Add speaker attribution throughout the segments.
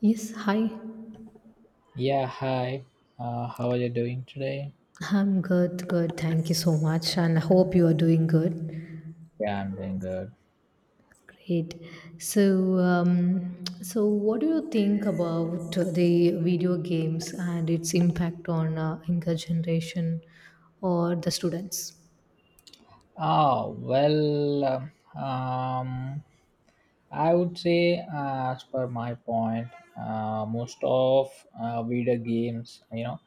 Speaker 1: Yes, hi.
Speaker 2: Yeah, hi. How are you doing today?
Speaker 1: I'm good, good. Thank you so much, and I hope you are doing good.
Speaker 2: Yeah, I'm doing good.
Speaker 1: Great. So what do you think about the video games and its impact on younger generation or the students?
Speaker 2: Oh, well, um, I would say, as per my point, most of video games, you know,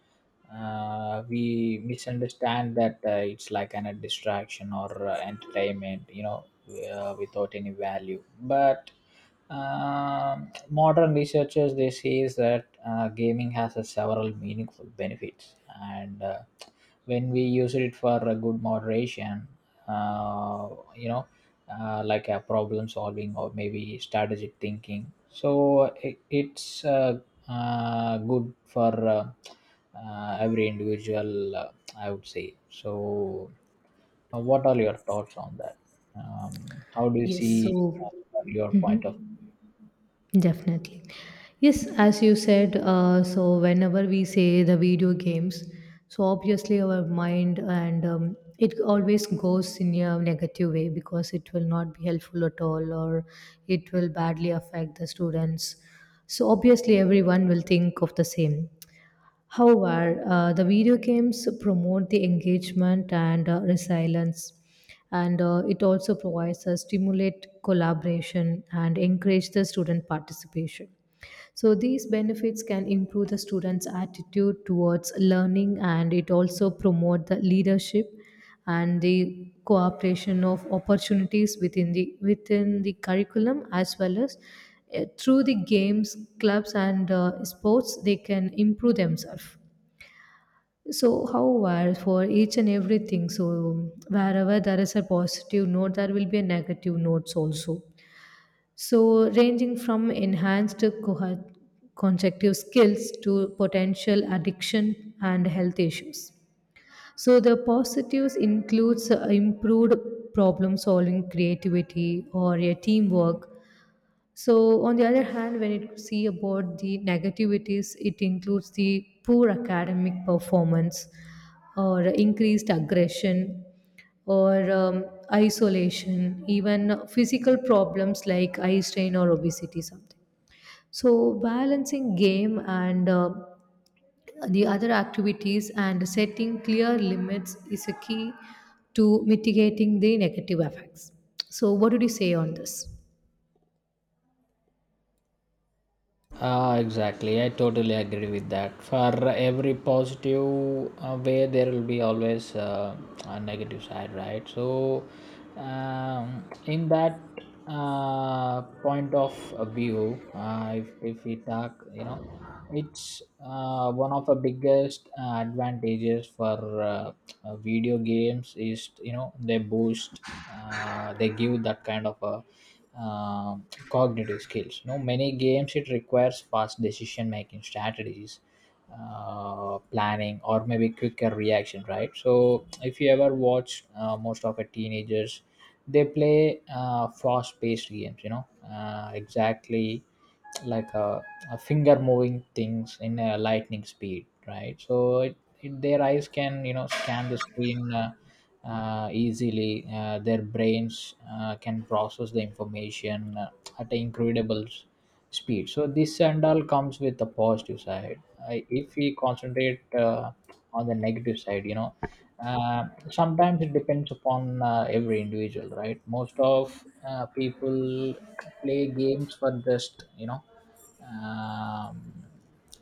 Speaker 2: uh, we misunderstand that it's like a distraction or entertainment, without any value. But modern researchers they say that gaming has a several meaningful benefits, and when we use it for a good moderation, uh, you know like a problem solving or maybe strategic thinking. So it's good for every individual, I would say. So what are your thoughts on that? How do you
Speaker 1: Yes. So,
Speaker 2: see your point of—
Speaker 1: mhm. Definitely. Yes, as you said, so whenever we say the video games, so obviously our mind and it always goes in a negative way because it will not be helpful at all, or it will badly affect the students. So obviously everyone will think of the same. However, the video games promote the engagement and resilience, and it also provides a stimulate collaboration and encourage the student participation. So these benefits can improve the students' attitude towards learning, and it also promote the leadership and the cooperation of opportunities within the curriculum, as well as through the games, clubs, and sports, they can improve themselves. So, however, for each and everything, so wherever there is a positive note, there will be a negative notes also. So, ranging from enhanced conjunctive skills to potential addiction and health issues. So, the positives includes improved problem solving, creativity, or a teamwork. So, on the other hand, when you see about the negativities, it includes the poor academic performance, or increased aggression, or isolation, even physical problems like eye strain or obesity, something. So, balancing game and the other activities and setting clear limits is a key to mitigating the negative effects. So, what would you say on this?
Speaker 2: Ah, exactly. I totally agree with that. For every positive way, there will be always a negative side, right? So, in that point of view, if we talk, you know, it's one of the biggest advantages for video games is, you know, they boost they give that kind of a uh, cognitive skills. You know, many games it requires fast decision making strategies, planning, or maybe quicker reaction. Right. So if you ever watch most of the teenagers, they play fast paced games. You know, exactly like a, a finger moving things in a lightning speed. Right. So their eyes can, you know, scan the screen easily, their brains can process the information at an incredible speed. So this and all comes with the positive side. I, if we concentrate on the negative side, you know, sometimes it depends upon every individual, right? Most of people play games for just, you know, um,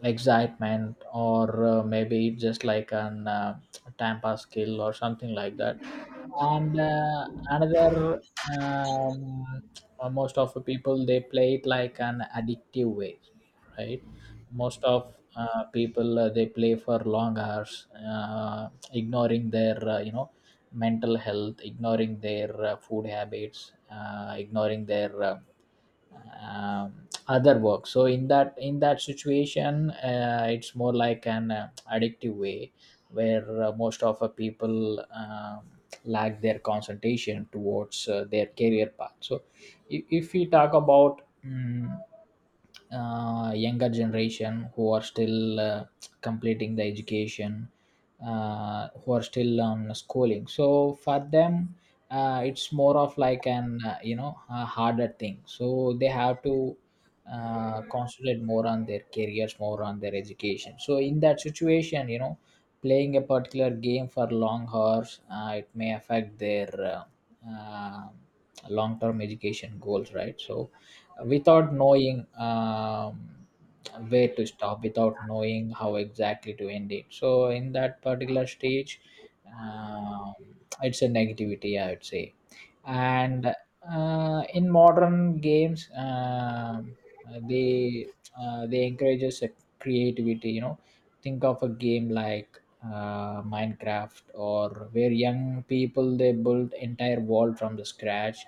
Speaker 2: excitement or maybe just like an time pass skill or something like that. And another, um, most of the people they play it like an addictive way, right? Most of people, they play for long hours, ignoring their, you know, mental health, ignoring their food habits, ignoring their other work. So in that situation, it's more like an addictive way where most of people lack their concentration towards their career path. So if we talk about younger generation who are still completing the education, who are still on schooling, so for them it's more of like an you know a harder thing. So they have to concentrate more on their careers, more on their education. So in that situation, you know, playing a particular game for long hours, it may affect their long-term education goals, right? So without knowing where to stop, without knowing how exactly to end it. So in that particular stage, um, it's a negativity, I would say. And in modern games, uh, they they encourage us, creativity. You know, think of a game like Minecraft or where young people they build entire world from the scratch.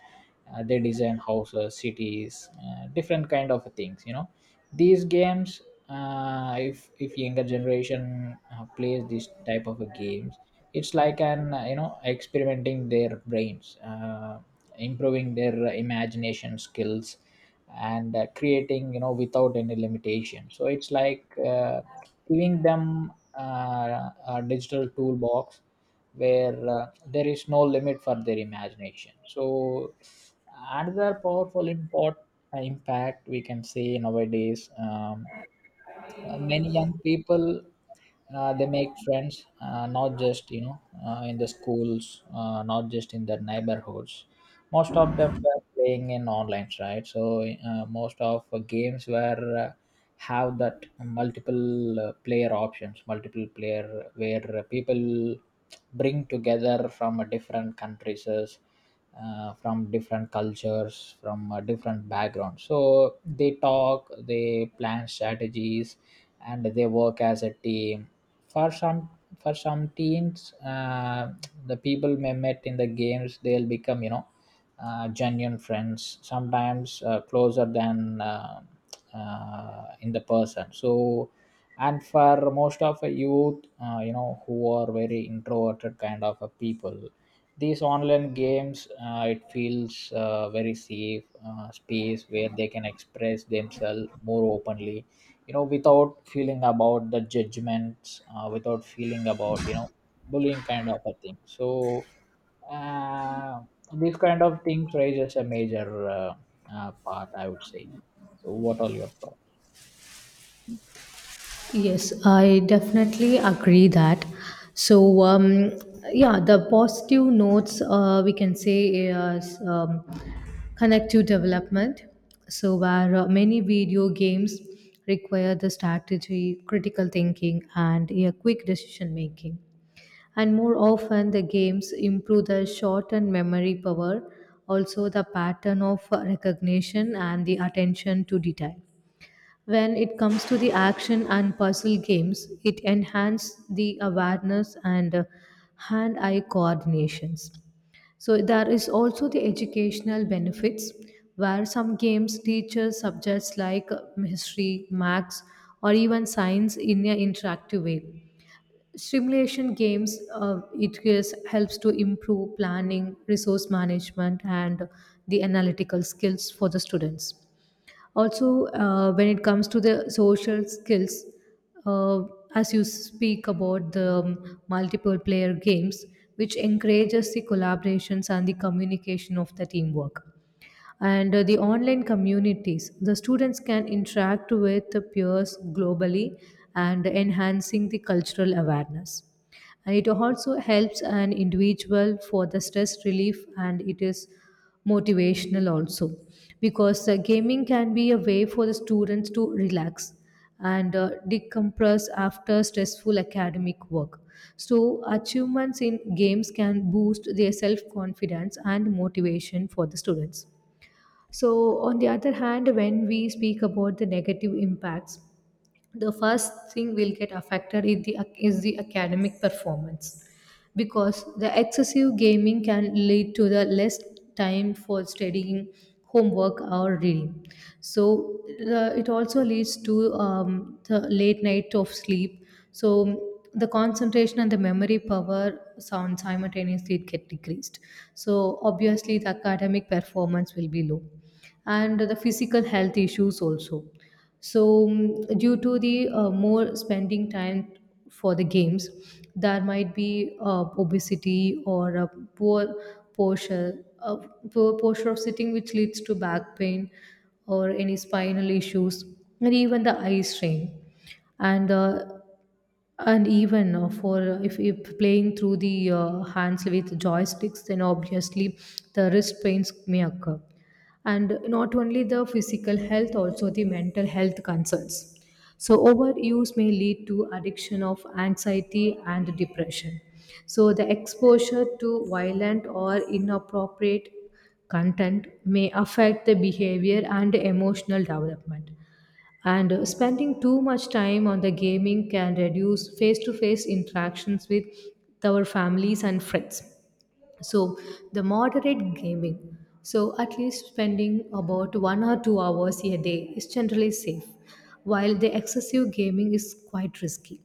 Speaker 2: They design houses, cities, different kind of things. You know, these games. If younger generation plays this type of a games, it's like an, you know, experimenting their brains, improving their imagination skills, and creating, you know, without any limitation. So it's like giving them a digital toolbox where there is no limit for their imagination. So another powerful impact, we can say nowadays, many young people they make friends, not just, you know, in the schools, not just in their neighborhoods. Most of them were playing in online, right? So most of games were have that multiple player options, multiple player, where people bring together from different countries, from different cultures, from different backgrounds. So they talk, they plan strategies, and they work as a team. For some for some teams, the people may met in the games, they'll become, you know, genuine friends, sometimes closer than in the person. So, and for most of the youth, you know, who are very introverted kind of a people, these online games, it feels very safe space where they can express themselves more openly, you know, without feeling about the judgments, without feeling about, you know, bullying kind of a thing. So, uh, these kind of things raises a major part, I would say. So what are your thoughts?
Speaker 1: Yes, I definitely agree that. So, yeah, the positive notes we can say is connective development. So, where many video games require the strategy, critical thinking, and a quick decision making. And more often, the games improve the short and memory power, also the pattern of recognition and the attention to detail. When it comes to the action and puzzle games, it enhances the awareness and hand-eye coordinations. So there is also the educational benefits, where some games teaches subjects like history, maths, or even science in an interactive way. Simulation games helps to improve planning, resource management, and the analytical skills for the students. Also, when it comes to the social skills, uh, as you speak about the multiple player games, which encourages the collaborations and the communication of the teamwork, and the online communities, the students can interact with the peers globally and enhancing the cultural awareness. And it also helps an individual for the stress relief, and it is motivational also, because gaming can be a way for the students to relax and decompress after stressful academic work. So achievements in games can boost their self confidence and motivation for the students. So, on the other hand, when we speak about the negative impacts, the first thing will get affected is the academic performance, because the excessive gaming can lead to the less time for studying, homework, or reading. So it also leads to the late night of sleep, so the concentration and the memory power sound simultaneously get decreased, so obviously the academic performance will be low. And the physical health issues also. So, due to the more spending time for the games, there might be obesity, or a poor posture of sitting, which leads to back pain or any spinal issues, and even the eye strain. And uh, and even for if playing through the hands with joysticks, then obviously the wrist pains may occur. And not only the physical health, also the mental health concerns. So overuse may lead to addiction of anxiety and depression. So the exposure to violent or inappropriate content may affect the behavior and emotional development, and spending too much time on the gaming can reduce face to face interactions with our families and friends. So, the moderate gaming, so at least spending about 1 or 2 hours a day, is generally safe, while the excessive gaming is quite risky.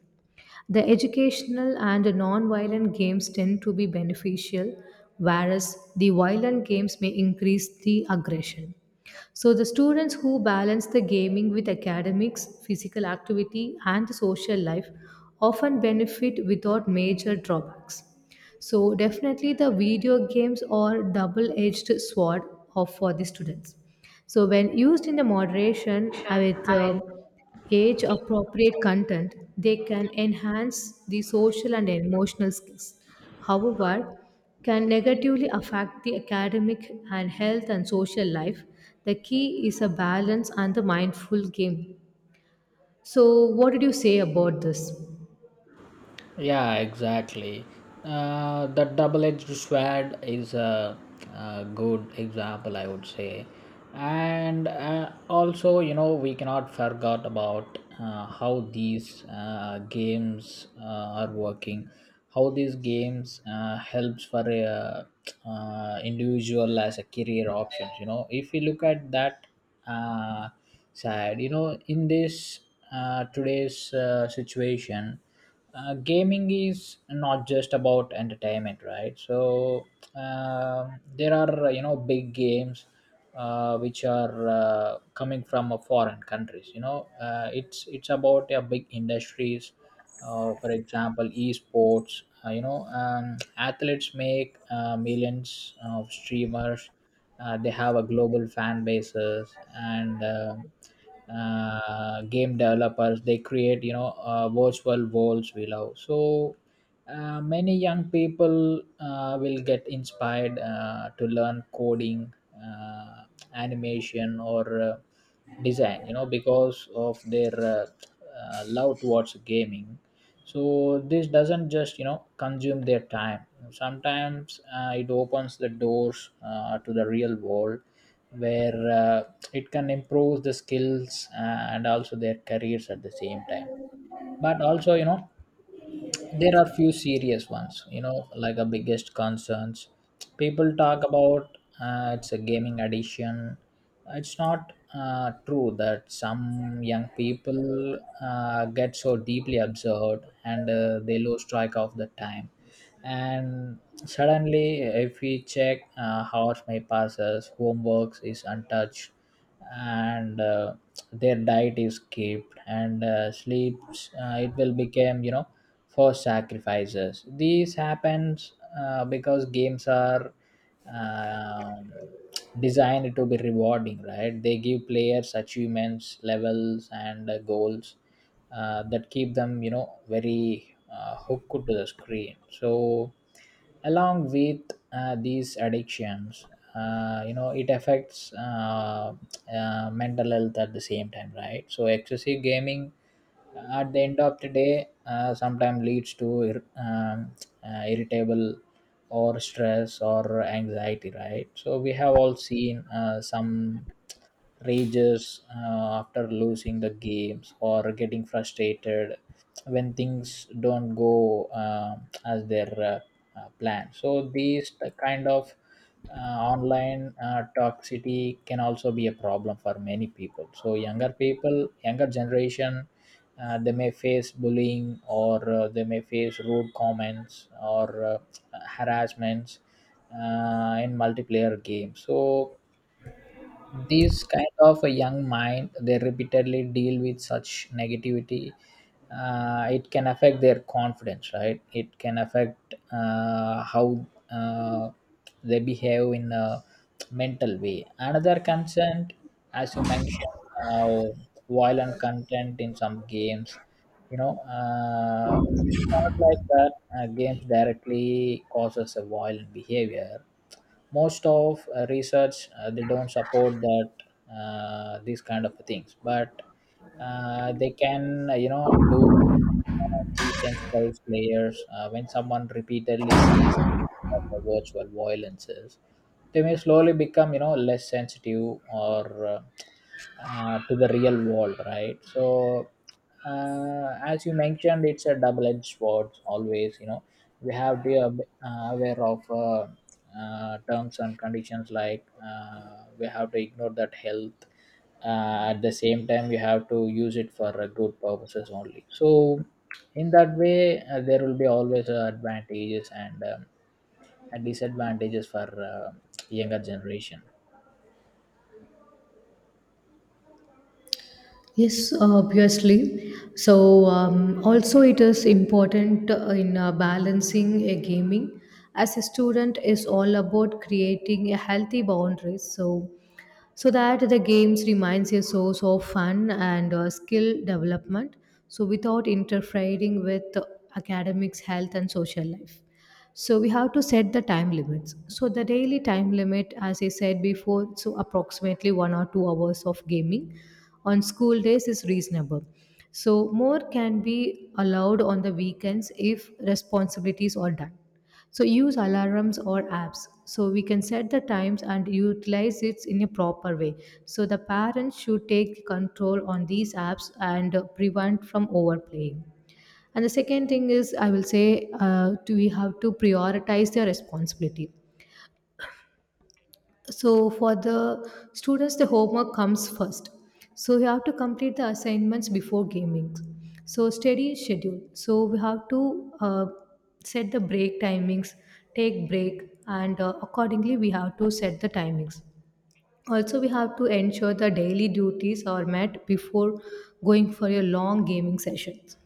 Speaker 1: The educational and non-violent games tend to be beneficial, whereas the violent games may increase the aggression. So the students who balance the gaming with academics, physical activity, and social life often benefit without major drawbacks. So definitely the video games are double-edged sword of for the students. So, when used in the moderation uh,
Speaker 2: Sure.
Speaker 1: with
Speaker 2: I
Speaker 1: uh,
Speaker 2: will—
Speaker 1: age appropriate content, they can enhance the social and emotional skills. However, can negatively affect the academic and health and social life. The key is a balance and the mindful game. So, what did you say about this?
Speaker 2: Yeah, exactly. The double-edged sword is a good example, I would say. And also, you know, we cannot forget about how these games are working. How these games helps for a individual as a career options. You know, if you look at that uh, side. You know, in this today's situation, gaming is not just about entertainment, right? So there are, you know, big games which are coming from foreign countries. You know, it's about big industries. For example, esports. You know, athletes make millions of streamers, they have a global fan bases, and game developers. They create, you know, virtual worlds we love. So many young people will get inspired to learn coding, animation, or design. You know, because of their love towards gaming. So this doesn't just, you know, consume their time. Sometimes it opens the doors to the real world where it can improve the skills, and also their careers at the same time. But also, you know, there are few serious ones, you know, like a biggest concerns people talk about, it's a gaming addiction. It's not true that some young people get so deeply absorbed and they lose track of the time. And suddenly if we check how my passes homeworks is untouched, and their diet is kept, and sleeps, it will become, you know, for sacrifices these happens, because games are um, designed to be rewarding, right? They give players achievements, levels, and goals that keep them, you know, very hooked to the screen. So along with these addictions, you know, it affects mental health at the same time, right? So excessive gaming, at the end of the day, sometimes leads to irritable or stress or anxiety, right? So we have all seen some rages after losing the games or getting frustrated when things don't go as their plan. So these kind of online toxicity can also be a problem for many people. So younger people, younger generation, they may face bullying or they may face rude comments or harassments in multiplayer games. So these kind of a young mind, they repeatedly deal with such negativity. It can affect their confidence, right? It can affect how uh, they behave in a mental way. Another concern, as you mentioned, uh, violent content in some games. You know, not like that. Games directly causes a violent behavior, most of research they don't support that these kind of things. But they can you know do desensitize players when someone repeatedly sees the virtual violences, they may slowly become, you know, less sensitive or to the real world, right? So as you mentioned, it's a double-edged sword always. You know, we have to be aware of terms and conditions, like we have to ignore that health, at the same time we have to use it for good purposes only. So in that way there will be always advantages and disadvantages for younger generation.
Speaker 1: Yes, obviously. So, also it is important in balancing a gaming. As a student, is all about creating a healthy boundaries. So, so that the games reminds your source of fun and skill development, so without interfering with academics, health, and social life. So we have to set the time limits. So the daily time limit, as I said before, so approximately 1 or 2 hours of gaming on school days is reasonable, so more can be allowed on the weekends if responsibilities are done. So use alarms or apps. So we can set the times and utilize it in a proper way. So the parents should take control on these apps and prevent from overplaying. And the second thing is, I will say, we have to prioritize their responsibility. So for the students, the homework comes first. So you have to complete the assignments before gaming. So study schedule, so we have to set the break timings, take break, and accordingly we have to set the timings. Also, we have to ensure the daily duties are met before going for your long gaming sessions.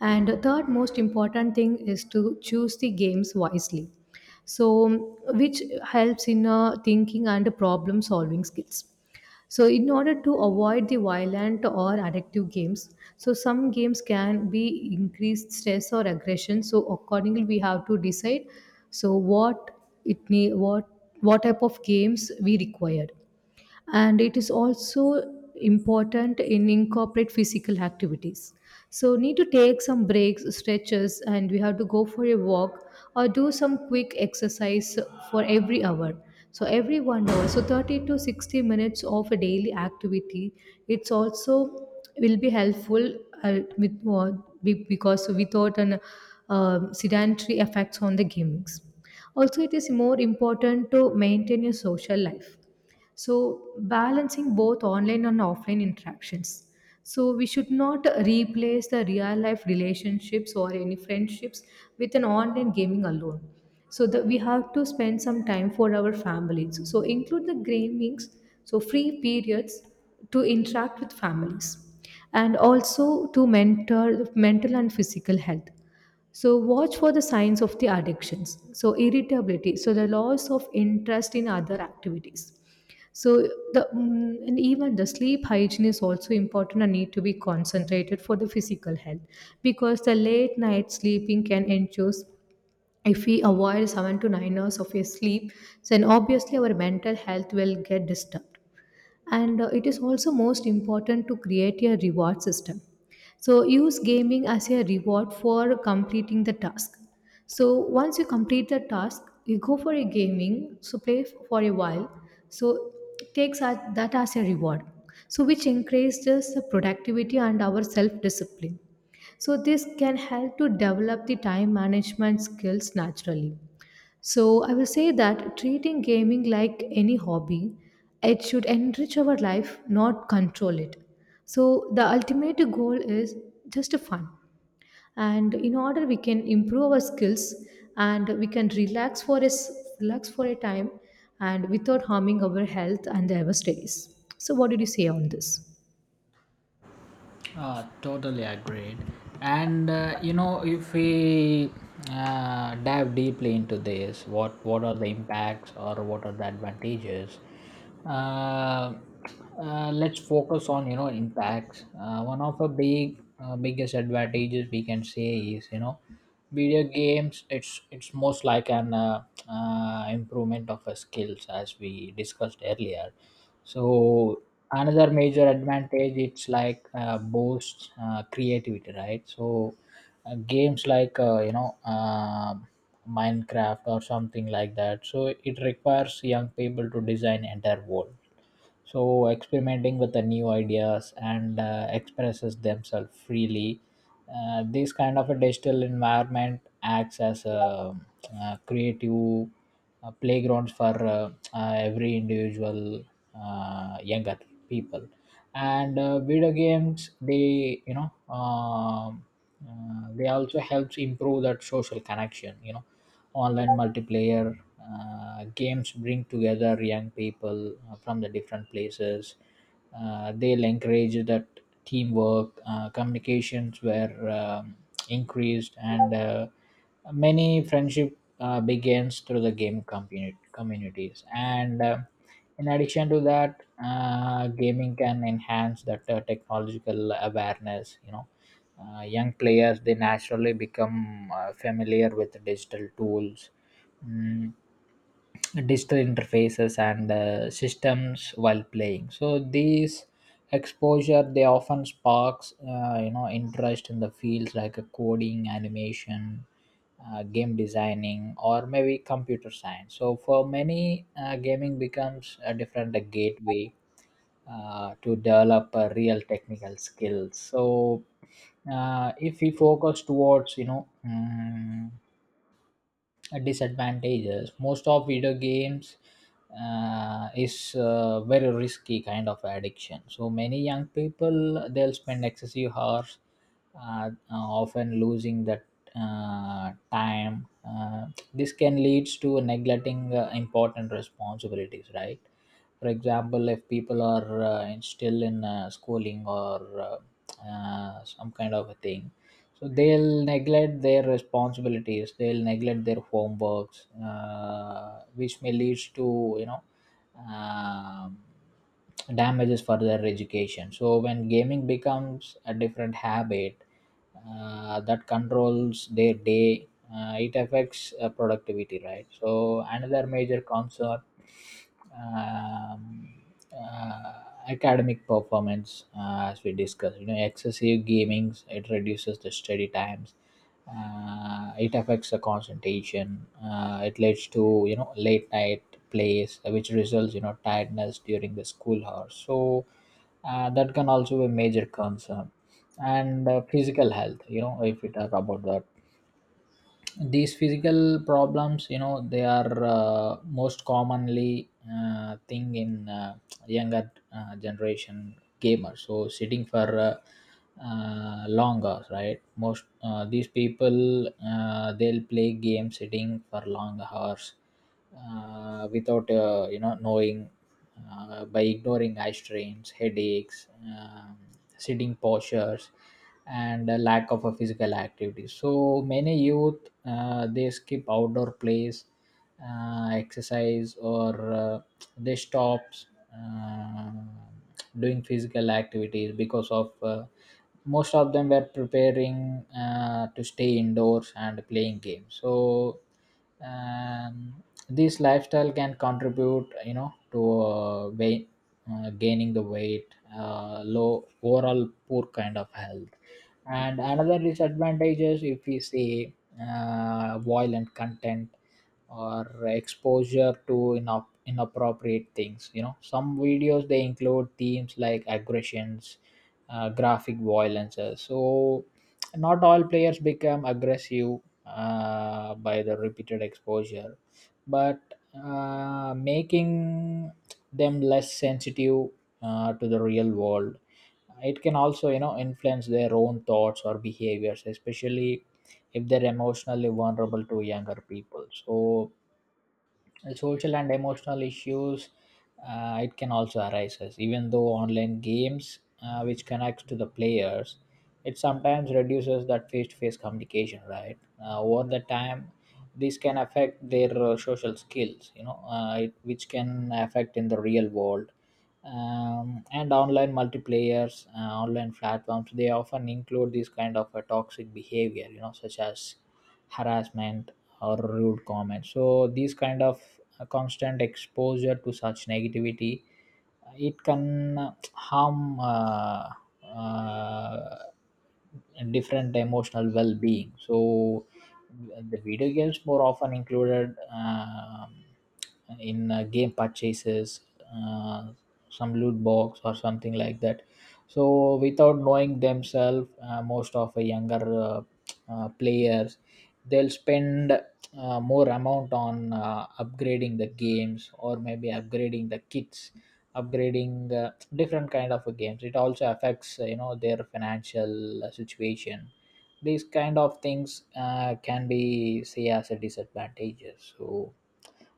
Speaker 1: And the third most important thing is to choose the games wisely. So, which helps in thinking and problem solving skills. So, in order to avoid the violent or addictive games, so some games can be increased stress or aggression. So, accordingly, we have to decide. So, what it need, what type of games we required. And it is also important in incorporate physical activities, so need to take some breaks, stretches, and we have to go for a walk or do some quick exercise for every hour, so every 1 hour, so 30 to 60 minutes of a daily activity, it's also will be helpful, uh, with, uh, because without an sedentary effects on the gamings. Also, it is more important to maintain your social life. So, balancing both online and offline interactions. So, we should not replace the real life relationships or any friendships with an online gaming alone. So, that we have to spend some time for our families. So, include the gamings, so free periods to interact with families, and also to mentor mental and physical health. So watch for the signs of the addictions. So irritability, so the loss of interest in other activities. So the and even the sleep hygiene is also important and need to be concentrated for the physical health, because the late night sleeping can ensure, if we avoid 7 to 9 hours of a sleep, then obviously our mental health will get disturbed. And it is also most important to create a reward system. So use gaming as a reward for completing the task. So once you complete the task, you go for a gaming, so play for a while. So takes that as a reward, so which increases the productivity and our self discipline. So this can help to develop the time management skills naturally. So, I will say that treating gaming like any hobby, it should enrich our life, not control it. So, the ultimate goal is just fun. And in order we can improve our skills, and we can relax for a time, and without harming our health and our studies. So, what did you say on this?
Speaker 2: Totally agreed. And you know, if we dive deeply into this, what are the impacts or what are the advantages? Uh, let's focus on, you know, impacts. One of the big biggest advantages we can say is, you know, video games. It's most like an improvement of a skills as we discussed earlier. So another major advantage, it's like boosts creativity, right? So games like Minecraft or something like that, so it requires young people to design entire world, so experimenting with the new ideas and expresses themselves freely. This kind of a digital environment acts as a, creative playgrounds for every individual, younger people. And video games, they they also helps improve that social connection, you know, online multiplayer games bring together young people from the different places. They'll encourage that teamwork, communications were, um, increased, and many friendship begins through the game community communities and in addition to that, gaming can enhance that technological awareness, you know. Young players, they naturally become familiar with digital tools, Mm, digital interfaces and systems while playing. So these exposure, they often sparks interest in the fields like coding, animation, game designing, or maybe computer science. So for many, gaming becomes a different gateway to develop real technical skills. So if we focus towards disadvantages, most of video games is very risky kind of addiction. So many young people, they'll spend excessive hours, often losing that time. This can lead to neglecting important responsibilities, right? For example, if people are still in schooling or some kind of a thing, so they'll neglect their responsibilities, they'll neglect their homeworks, which may lead to, you know, um, damages for their education. So when gaming becomes a different habit that controls their day, it affects productivity, right? So another major concern, um, uh, academic performance. As we discussed, you know, excessive gaming, it reduces the study times, it affects the concentration, it leads to, you know, late night plays, which results, you know, tiredness during the school hours. So that can also be a major concern. And physical health, you know, if we talk about that, these physical problems, you know, they are most commonly thing in younger generation gamers. So sitting for long hours, right? Most these people, they'll play games sitting for long hours without, knowing, by ignoring eye strains, headaches, sitting postures, and a lack of a physical activity. So many youth, they skip outdoor plays, exercise, or they stops uh, doing physical activities because of, most of them were preparing to stay indoors and playing games. So um, this lifestyle can contribute, you know, to weight, gaining the weight, low overall poor kind of health. And another disadvantage is, if we see, violent content or exposure to inappropriate things, you know, some videos they include themes like aggressions, graphic violences. So not all players become aggressive by the repeated exposure, but making them less sensitive to the real world. It can also, you know, influence their own thoughts or behaviors, especially if they're emotionally vulnerable to younger people. So social and emotional issues, it can also arise, as even though online games which connects to the players, it sometimes reduces that face-to-face communication, right? Over the time, this can affect their social skills, you know, which can affect in the real world. And online multiplayers, online platforms, they often include this kind of a toxic behavior, you know, such as harassment or rude comments. So these kind of constant exposure to such negativity, it can harm uh, different emotional well-being. So the video games more often included in game purchases, uh, some loot box or something like that. So without knowing themselves, most of the younger players, they'll spend more amount on upgrading the games, or maybe upgrading the kits, upgrading different kind of games. It also affects, you know, their financial situation. These kind of things can be say as a disadvantage. So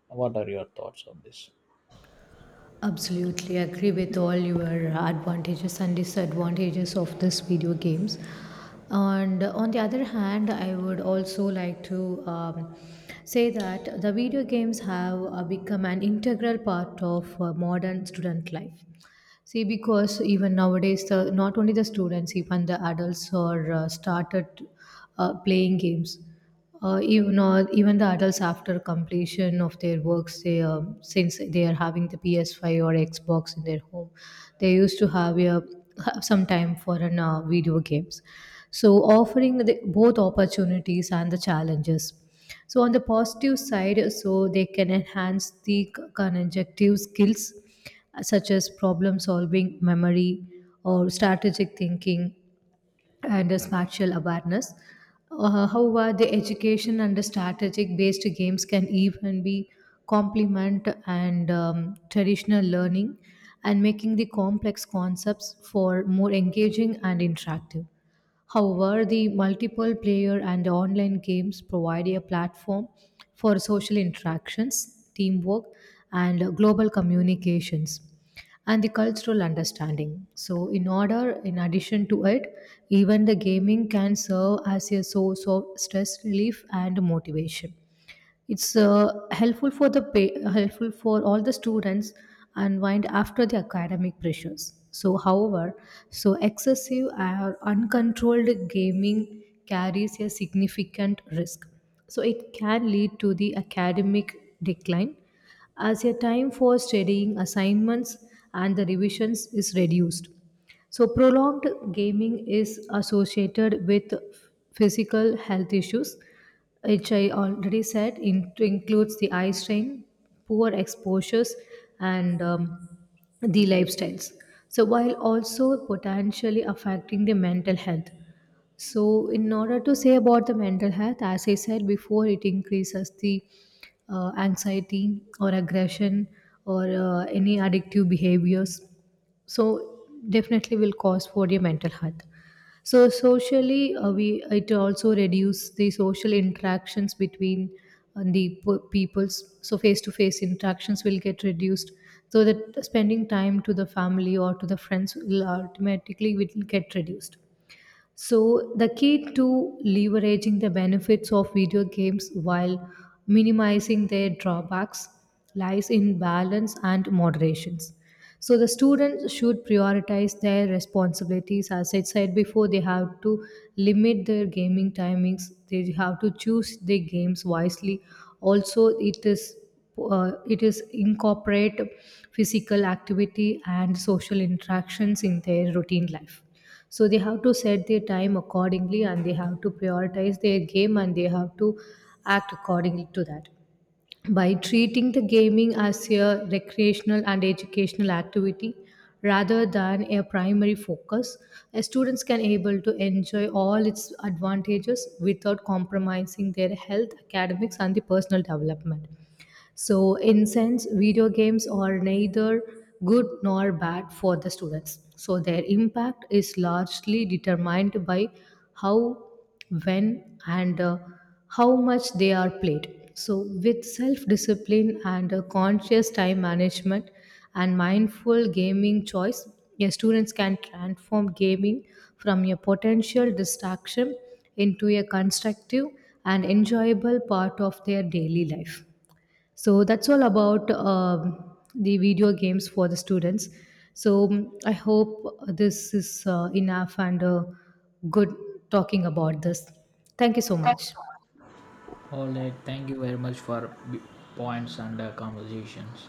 Speaker 2: what are your thoughts on this?
Speaker 1: Absolutely agree with all your advantages and disadvantages of this video games. And on the other hand, I would also like to say that the video games have become an integral part of modern student life. See, because even nowadays, not only the students, even the adults are started playing games. Even the adults, after completion of their works, they since they are having the PS5 or Xbox in their home, they used to have some time for an video games, so offering both opportunities and the challenges. So on the positive side, so they can enhance the conjunctive skills, such as problem solving, memory, or strategic thinking and a spatial awareness. However, the education and the strategic based games can even be complement and traditional learning, and making the complex concepts for more engaging and interactive. However, the multiple player and online games provide a platform for social interactions, teamwork, and global communications and the cultural understanding. So, in order, in addition to it, even the gaming can serve as a source of stress relief and motivation. It's helpful for all the students unwind after the academic pressures. So, however, so excessive or uncontrolled gaming carries a significant risk. So, it can lead to the academic decline, as a time for studying assignments and the revisions is reduced. So, prolonged gaming is associated with physical health issues, which I already said in, includes the eye strain, poor exposures, and the lifestyles. So, while also potentially affecting the mental health. So, in order to say about the mental health, as I said before, it increases the anxiety or aggression or any addictive behaviors. So, definitely will cause for your mental health. So, socially, we it also reduce the social interactions between peoples. So, face to face interactions will get reduced. So that spending time to the family or to the friends will automatically will get reduced. So, the key to leveraging the benefits of video games while minimizing their drawbacks lies in balance and moderations. So, the students should prioritize their responsibilities, as I said before. They have to limit their gaming timings, they have to choose their games wisely. Also, it is incorporate physical activity and social interactions in their routine life, so they have to set their time accordingly, and they have to prioritize their game, and they have to act accordingly to that, by treating the gaming as a recreational and educational activity rather than a primary focus. Students can able to enjoy all its advantages without compromising their health, academics, and the personal development. So, in sense, video games are neither good nor bad for the students. So, their impact is largely determined by how, when, and how much they are played. So, with self discipline and conscious time management and mindful gaming choice, your students can transform gaming from a potential distraction into a constructive and enjoyable part of their daily life. So that's all about the video games for the students. So, I hope this is enough and good talking about this. Thank you so
Speaker 2: So
Speaker 1: much.
Speaker 2: all right, thank you very much for b- points and conversations.